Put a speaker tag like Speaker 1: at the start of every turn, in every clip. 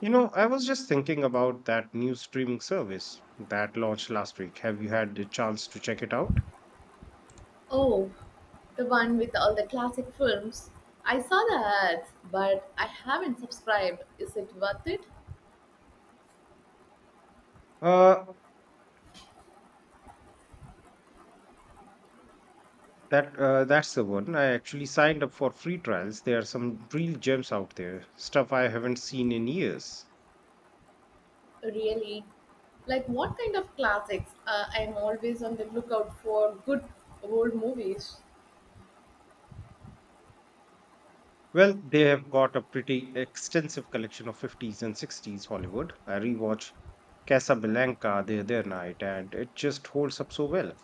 Speaker 1: You know, I was just thinking about that new streaming service that launched last week. Have you had the chance to check it out?
Speaker 2: Oh, the one with all the classic films. I saw the ads, but I haven't subscribed. Is it worth it?
Speaker 1: Uh, that that's the one. I actually signed up for free trials. There are some real gems out there, stuff I haven't seen in years.
Speaker 2: Really? Like, what kind of classics? I'm always on the lookout for good old movies.
Speaker 1: Well, they have got a pretty extensive collection of 50s and 60s Hollywood. I rewatched Casablanca the other night, and it just holds up so well.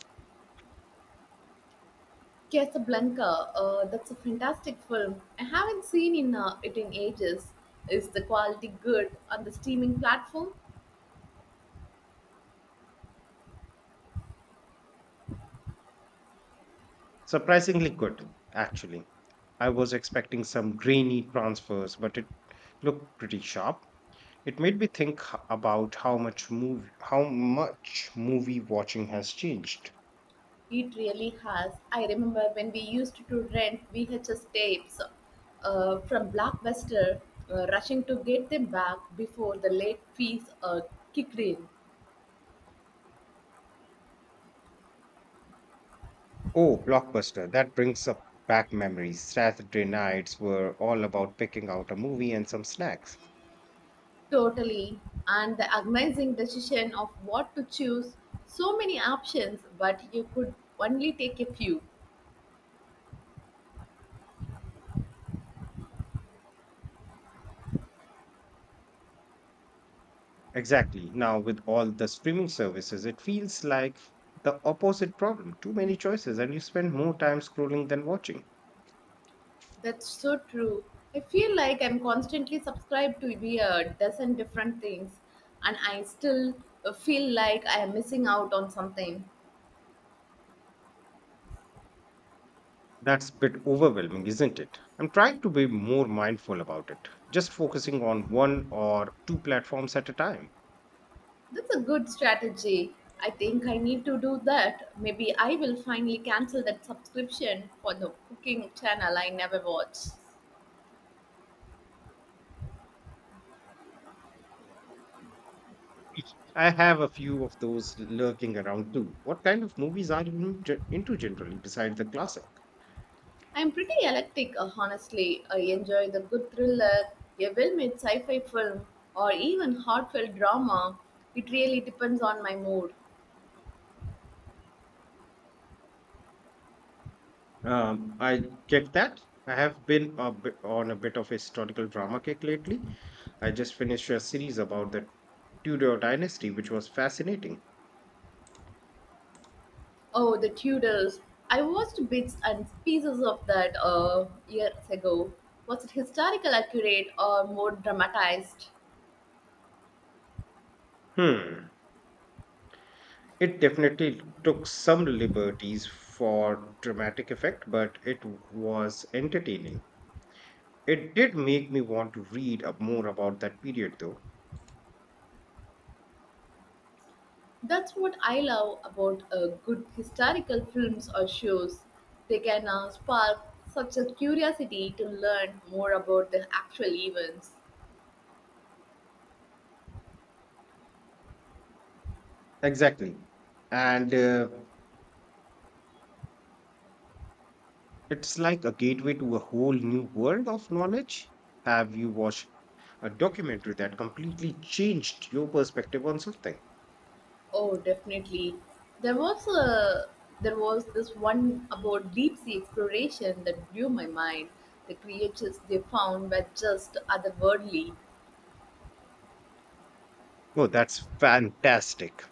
Speaker 2: Casablanca, that's a fantastic film. I haven't seen in, it in ages. Is the quality good on the streaming platform?
Speaker 1: Surprisingly good, actually. I was expecting some grainy transfers, but it looked pretty sharp. It made me think about how much movie watching has changed.
Speaker 2: It really has. I remember when we used to rent VHS tapes from Blockbuster, rushing to get them back before the late fees kicked in.
Speaker 1: Oh, Blockbuster! That brings up back memories. Saturday nights were all about picking out a movie and some snacks.
Speaker 2: Totally. And the agonizing decision of what to choose. So many options, but you could only take a few.
Speaker 1: Exactly. Now with all the streaming services, it feels like the opposite problem. Too many choices, and you spend more time scrolling than watching.
Speaker 2: That's so true. I feel like I'm constantly subscribed to be a dozen different things, and I still feel like I am missing out on something.
Speaker 1: That's a bit overwhelming, isn't it? I'm trying to be more mindful about it, just focusing on one or two platforms at a time.
Speaker 2: That's a good strategy. I think I need to do that. Maybe I will finally cancel that subscription for the cooking channel I never watch.
Speaker 1: I have a few of those lurking around too. What kind of movies are you into generally, besides the classic?
Speaker 2: I'm pretty eclectic, honestly. I enjoy the good thriller, a well made sci fi film, or even heartfelt drama. It really depends on my mood.
Speaker 1: I get that. I have been a bit on a bit of a historical drama kick lately. I just finished a series about the Tudor dynasty, which was fascinating.
Speaker 2: Oh, The Tudors. I watched bits and pieces of that years ago. Was it historical accurate or more dramatized?
Speaker 1: Hmm. It definitely took some liberties for dramatic effect, but it was entertaining. It did make me want to read up more about that period, though.
Speaker 2: That's what I love about good historical films or shows. They can spark such a curiosity to learn more about the actual events.
Speaker 1: Exactly. And It's like a gateway to a whole new world of knowledge. Have you watched a documentary that completely changed your perspective on something?
Speaker 2: Oh, definitely. There was a there was this one about deep sea exploration that blew my mind. The creatures they found were just otherworldly.
Speaker 1: Oh, that's fantastic.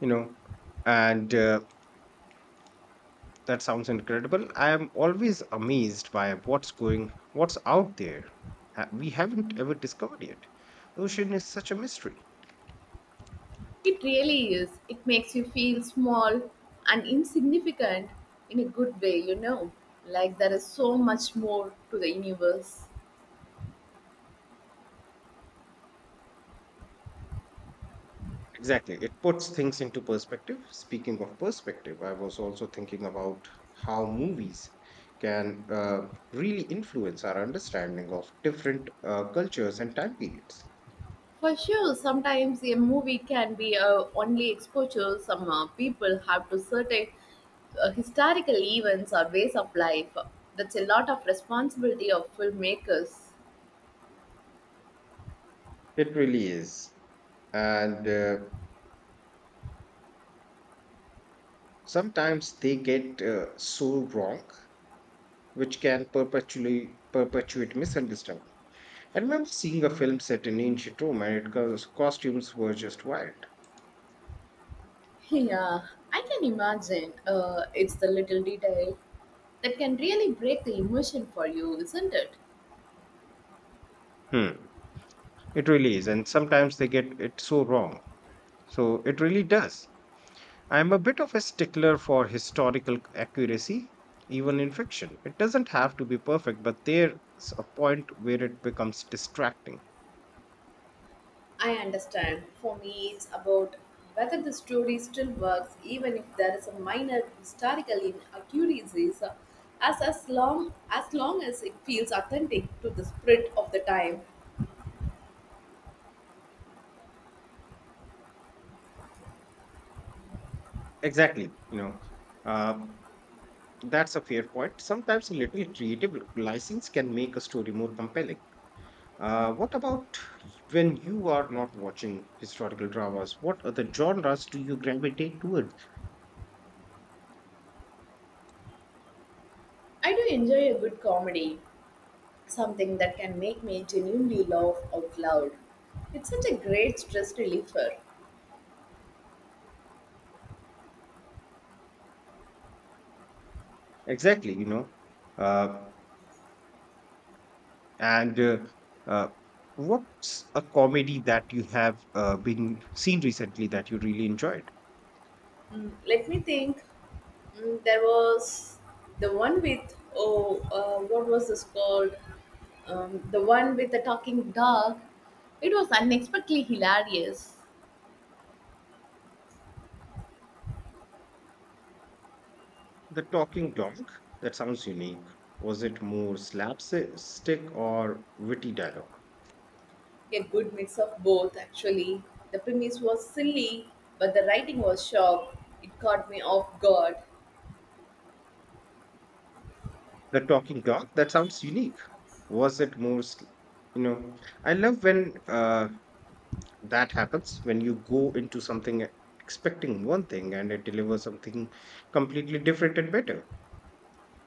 Speaker 1: You know, and That sounds incredible. I am always amazed by what's out there. We haven't ever discovered yet. The ocean is such a mystery.
Speaker 2: It really is. It makes you feel small and insignificant in a good way, you know. Like there is so much more to the universe.
Speaker 1: Exactly. It puts things into perspective. Speaking of perspective, I was also thinking about how movies can really influence our understanding of different cultures and time periods.
Speaker 2: For sure, sometimes a movie can be only exposure some people have to certain historical events or ways of life. That's a lot of responsibility of filmmakers.
Speaker 1: It really is. And Sometimes they get so wrong, which can perpetually perpetuate misunderstanding. I remember seeing a film set in ancient Rome, and it costumes were just wild.
Speaker 2: Yeah, I can imagine. It's the little detail that can really break the emotion for you, isn't it?
Speaker 1: Hmm. It really is, and sometimes they get it so wrong. So it really does. I'm a bit of a stickler for historical accuracy, even in fiction. It doesn't have to be perfect, but there's a point where it becomes distracting.
Speaker 2: I understand. For me, it's about whether the story still works, even if there is a minor historical inaccuracies, as long as it feels authentic to the spirit of the time.
Speaker 1: Exactly. You know, um, that's a fair point. Sometimes a little creative license can make a story more compelling. What about when you are not watching historical dramas? What other genres do you gravitate towards?
Speaker 2: I do enjoy a good comedy, something that can make me genuinely laugh out loud. It's such a great stress reliever.
Speaker 1: Exactly, you know. Uh, And uh, what's a comedy that you have been seen recently that you really enjoyed?
Speaker 2: Mm, let me think. Mm, there was the one with oh, what was this called? The one with the talking dog. It was unexpectedly hilarious.
Speaker 1: The talking dog. That sounds unique. Was it more slapstick or witty dialogue?
Speaker 2: A good mix of both, actually. The premise was silly, but the writing was sharp. It caught me off guard.
Speaker 1: The talking dog, that sounds unique. Was it most you know I love when uh, that happens, when you go into something expecting one thing and it delivers something completely different and better.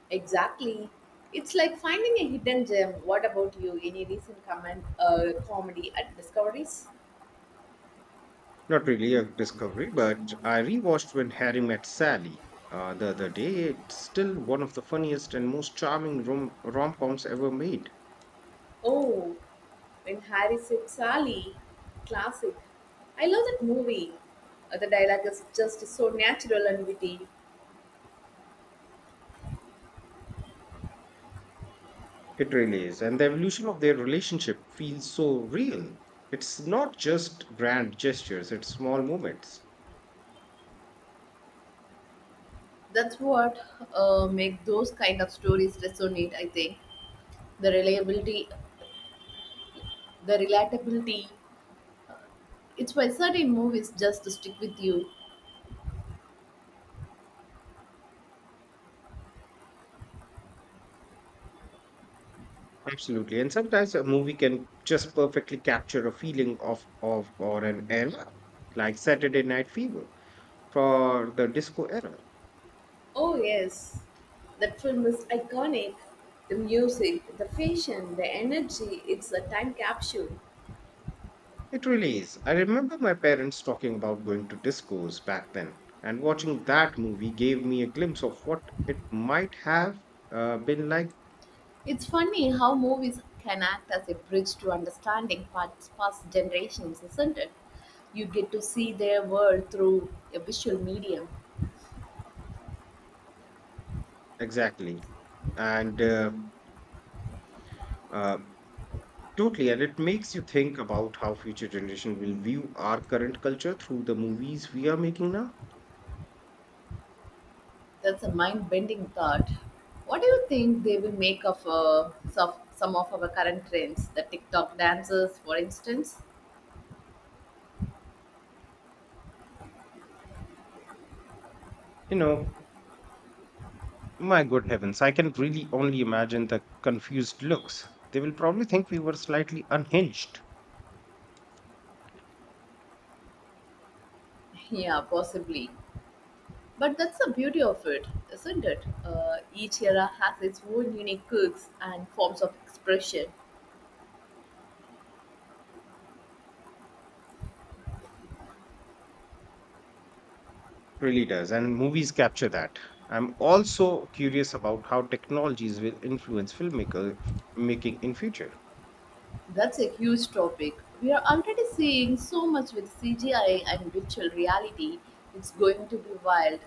Speaker 2: Exactly. It's like finding a hidden gem. What about you? Any recent comedy at Discoveries?
Speaker 1: Not really a discovery, but I rewatched When Harry Met Sally the other day. It's still one of the funniest and most charming rom-coms ever made.
Speaker 2: Oh, when Harry said Sally, classic. I love that movie. The dialogue is just so natural and witty.
Speaker 1: It really is, and the evolution of their relationship feels so real. It's not just grand gestures, it's small moments.
Speaker 2: That's what make those kind of stories resonate. I think the reliability, the relatability. It's why certain movies just stick with you.
Speaker 1: Absolutely. And sometimes a movie can just perfectly capture a feeling of or an era, like Saturday Night Fever for the disco era.
Speaker 2: Oh, yes. That film is iconic. The music, the fashion, the energy, it's a time capsule.
Speaker 1: It really is. I remember my parents talking about going to discos back then, and watching that movie gave me a glimpse of what it might have been like.
Speaker 2: It's funny how movies can act as a bridge to understanding past generations, isn't it? You get to see their world through a visual medium.
Speaker 1: Exactly. And uh, Totally, and it makes you think about how future generation will view our current culture through the movies we are making now.
Speaker 2: That's a mind-bending thought. What do you think they will make of some of our current trends, the TikTok dances, for instance?
Speaker 1: You know, my good heavens, I can really only imagine the confused looks. They will probably think we were slightly unhinged.
Speaker 2: Yeah, possibly. But that's the beauty of it, isn't it? Each era has its own unique quirks and forms of expression.
Speaker 1: Really does, and movies capture that. I'm also curious about how technologies will influence filmmaker making in future.
Speaker 2: That's a huge topic. We are already seeing so much with CGI and virtual reality. It's going to be wild.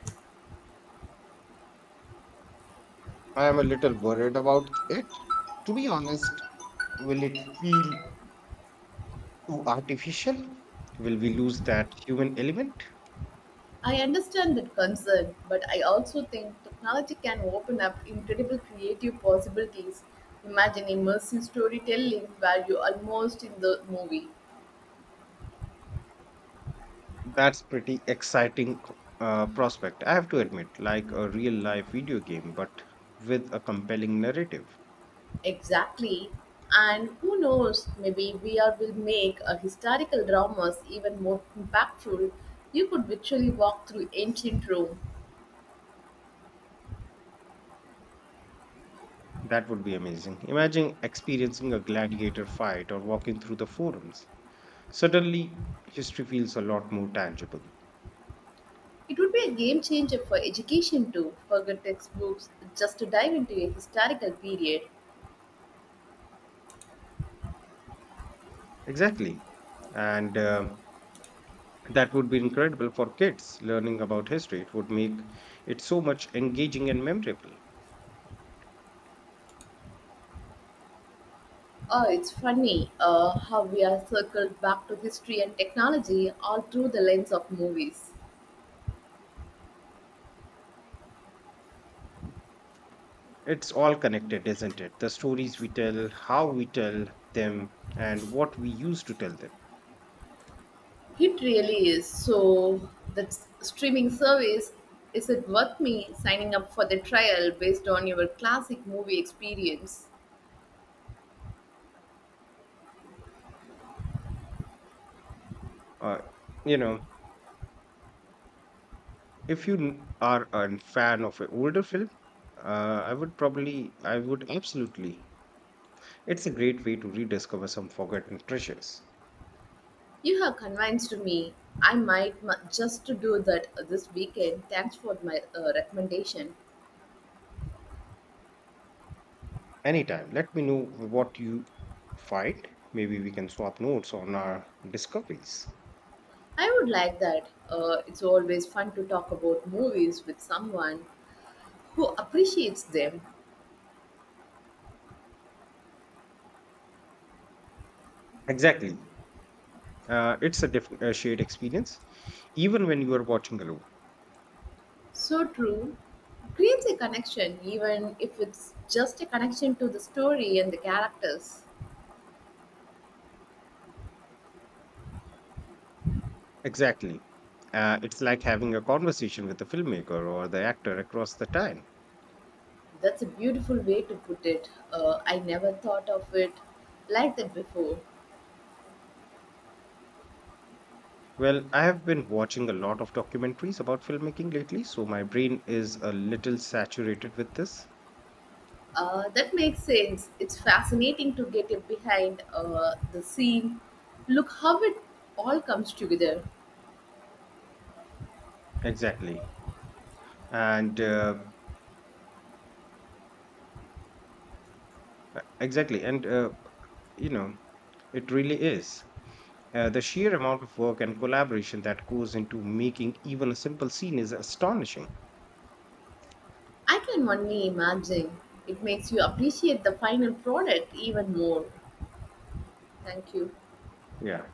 Speaker 1: I am a little worried about it, to be honest. Will it feel too artificial? Will we lose that human element?
Speaker 2: I understand that concern, but I also think technology can open up incredible creative possibilities. Imagine immersive storytelling where you're almost in the movie.
Speaker 1: That's pretty exciting, prospect, I have to admit, like a real life video game but with a compelling narrative.
Speaker 2: Exactly. And who knows, maybe VR will make a historical dramas even more impactful. You could virtually walk through ancient Rome.
Speaker 1: That would be amazing. Imagine experiencing a gladiator fight or walking through the forums. Suddenly, history feels a lot more tangible.
Speaker 2: It would be a game changer for education too. Forget textbooks, just to dive into a historical period.
Speaker 1: Exactly. And That would be incredible for kids learning about history. It would make it so much engaging and memorable.
Speaker 2: Oh, it's funny how we are circled back to history and technology all through the lens of movies.
Speaker 1: It's all connected, isn't it? The stories we tell, how we tell them, and what we use to tell them.
Speaker 2: It really is. So, that streaming service, is it worth me signing up for the trial based on your classic movie experience?
Speaker 1: Uh, you know, if you are a fan of an older film, I would absolutely. It's a great way to rediscover some forgotten treasures.
Speaker 2: You have convinced me. I might just to do that this weekend. Thanks for my recommendation.
Speaker 1: Anytime, let me know what you find. Maybe we can swap notes on our discoveries.
Speaker 2: I would like that. It's always fun to talk about movies with someone who appreciates them.
Speaker 1: Exactly. It's a a shared experience, even when you are watching alone.
Speaker 2: So true. Creates a connection, even if it's just a connection to the story and the characters.
Speaker 1: Exactly. It's like having a conversation with the filmmaker or the actor across the time.
Speaker 2: That's a beautiful way to put it. I never thought of it like that before.
Speaker 1: Well, I have been watching a lot of documentaries about filmmaking lately, so my brain is a little saturated with this.
Speaker 2: That makes sense. It's fascinating to get it behind the scene. Look how it all comes together.
Speaker 1: Exactly. And exactly. And, you know, It really is. The sheer amount of work and collaboration that goes into making even a simple scene is astonishing.
Speaker 2: I can only imagine. It makes you appreciate the final product even more. Thank you.
Speaker 1: Yeah.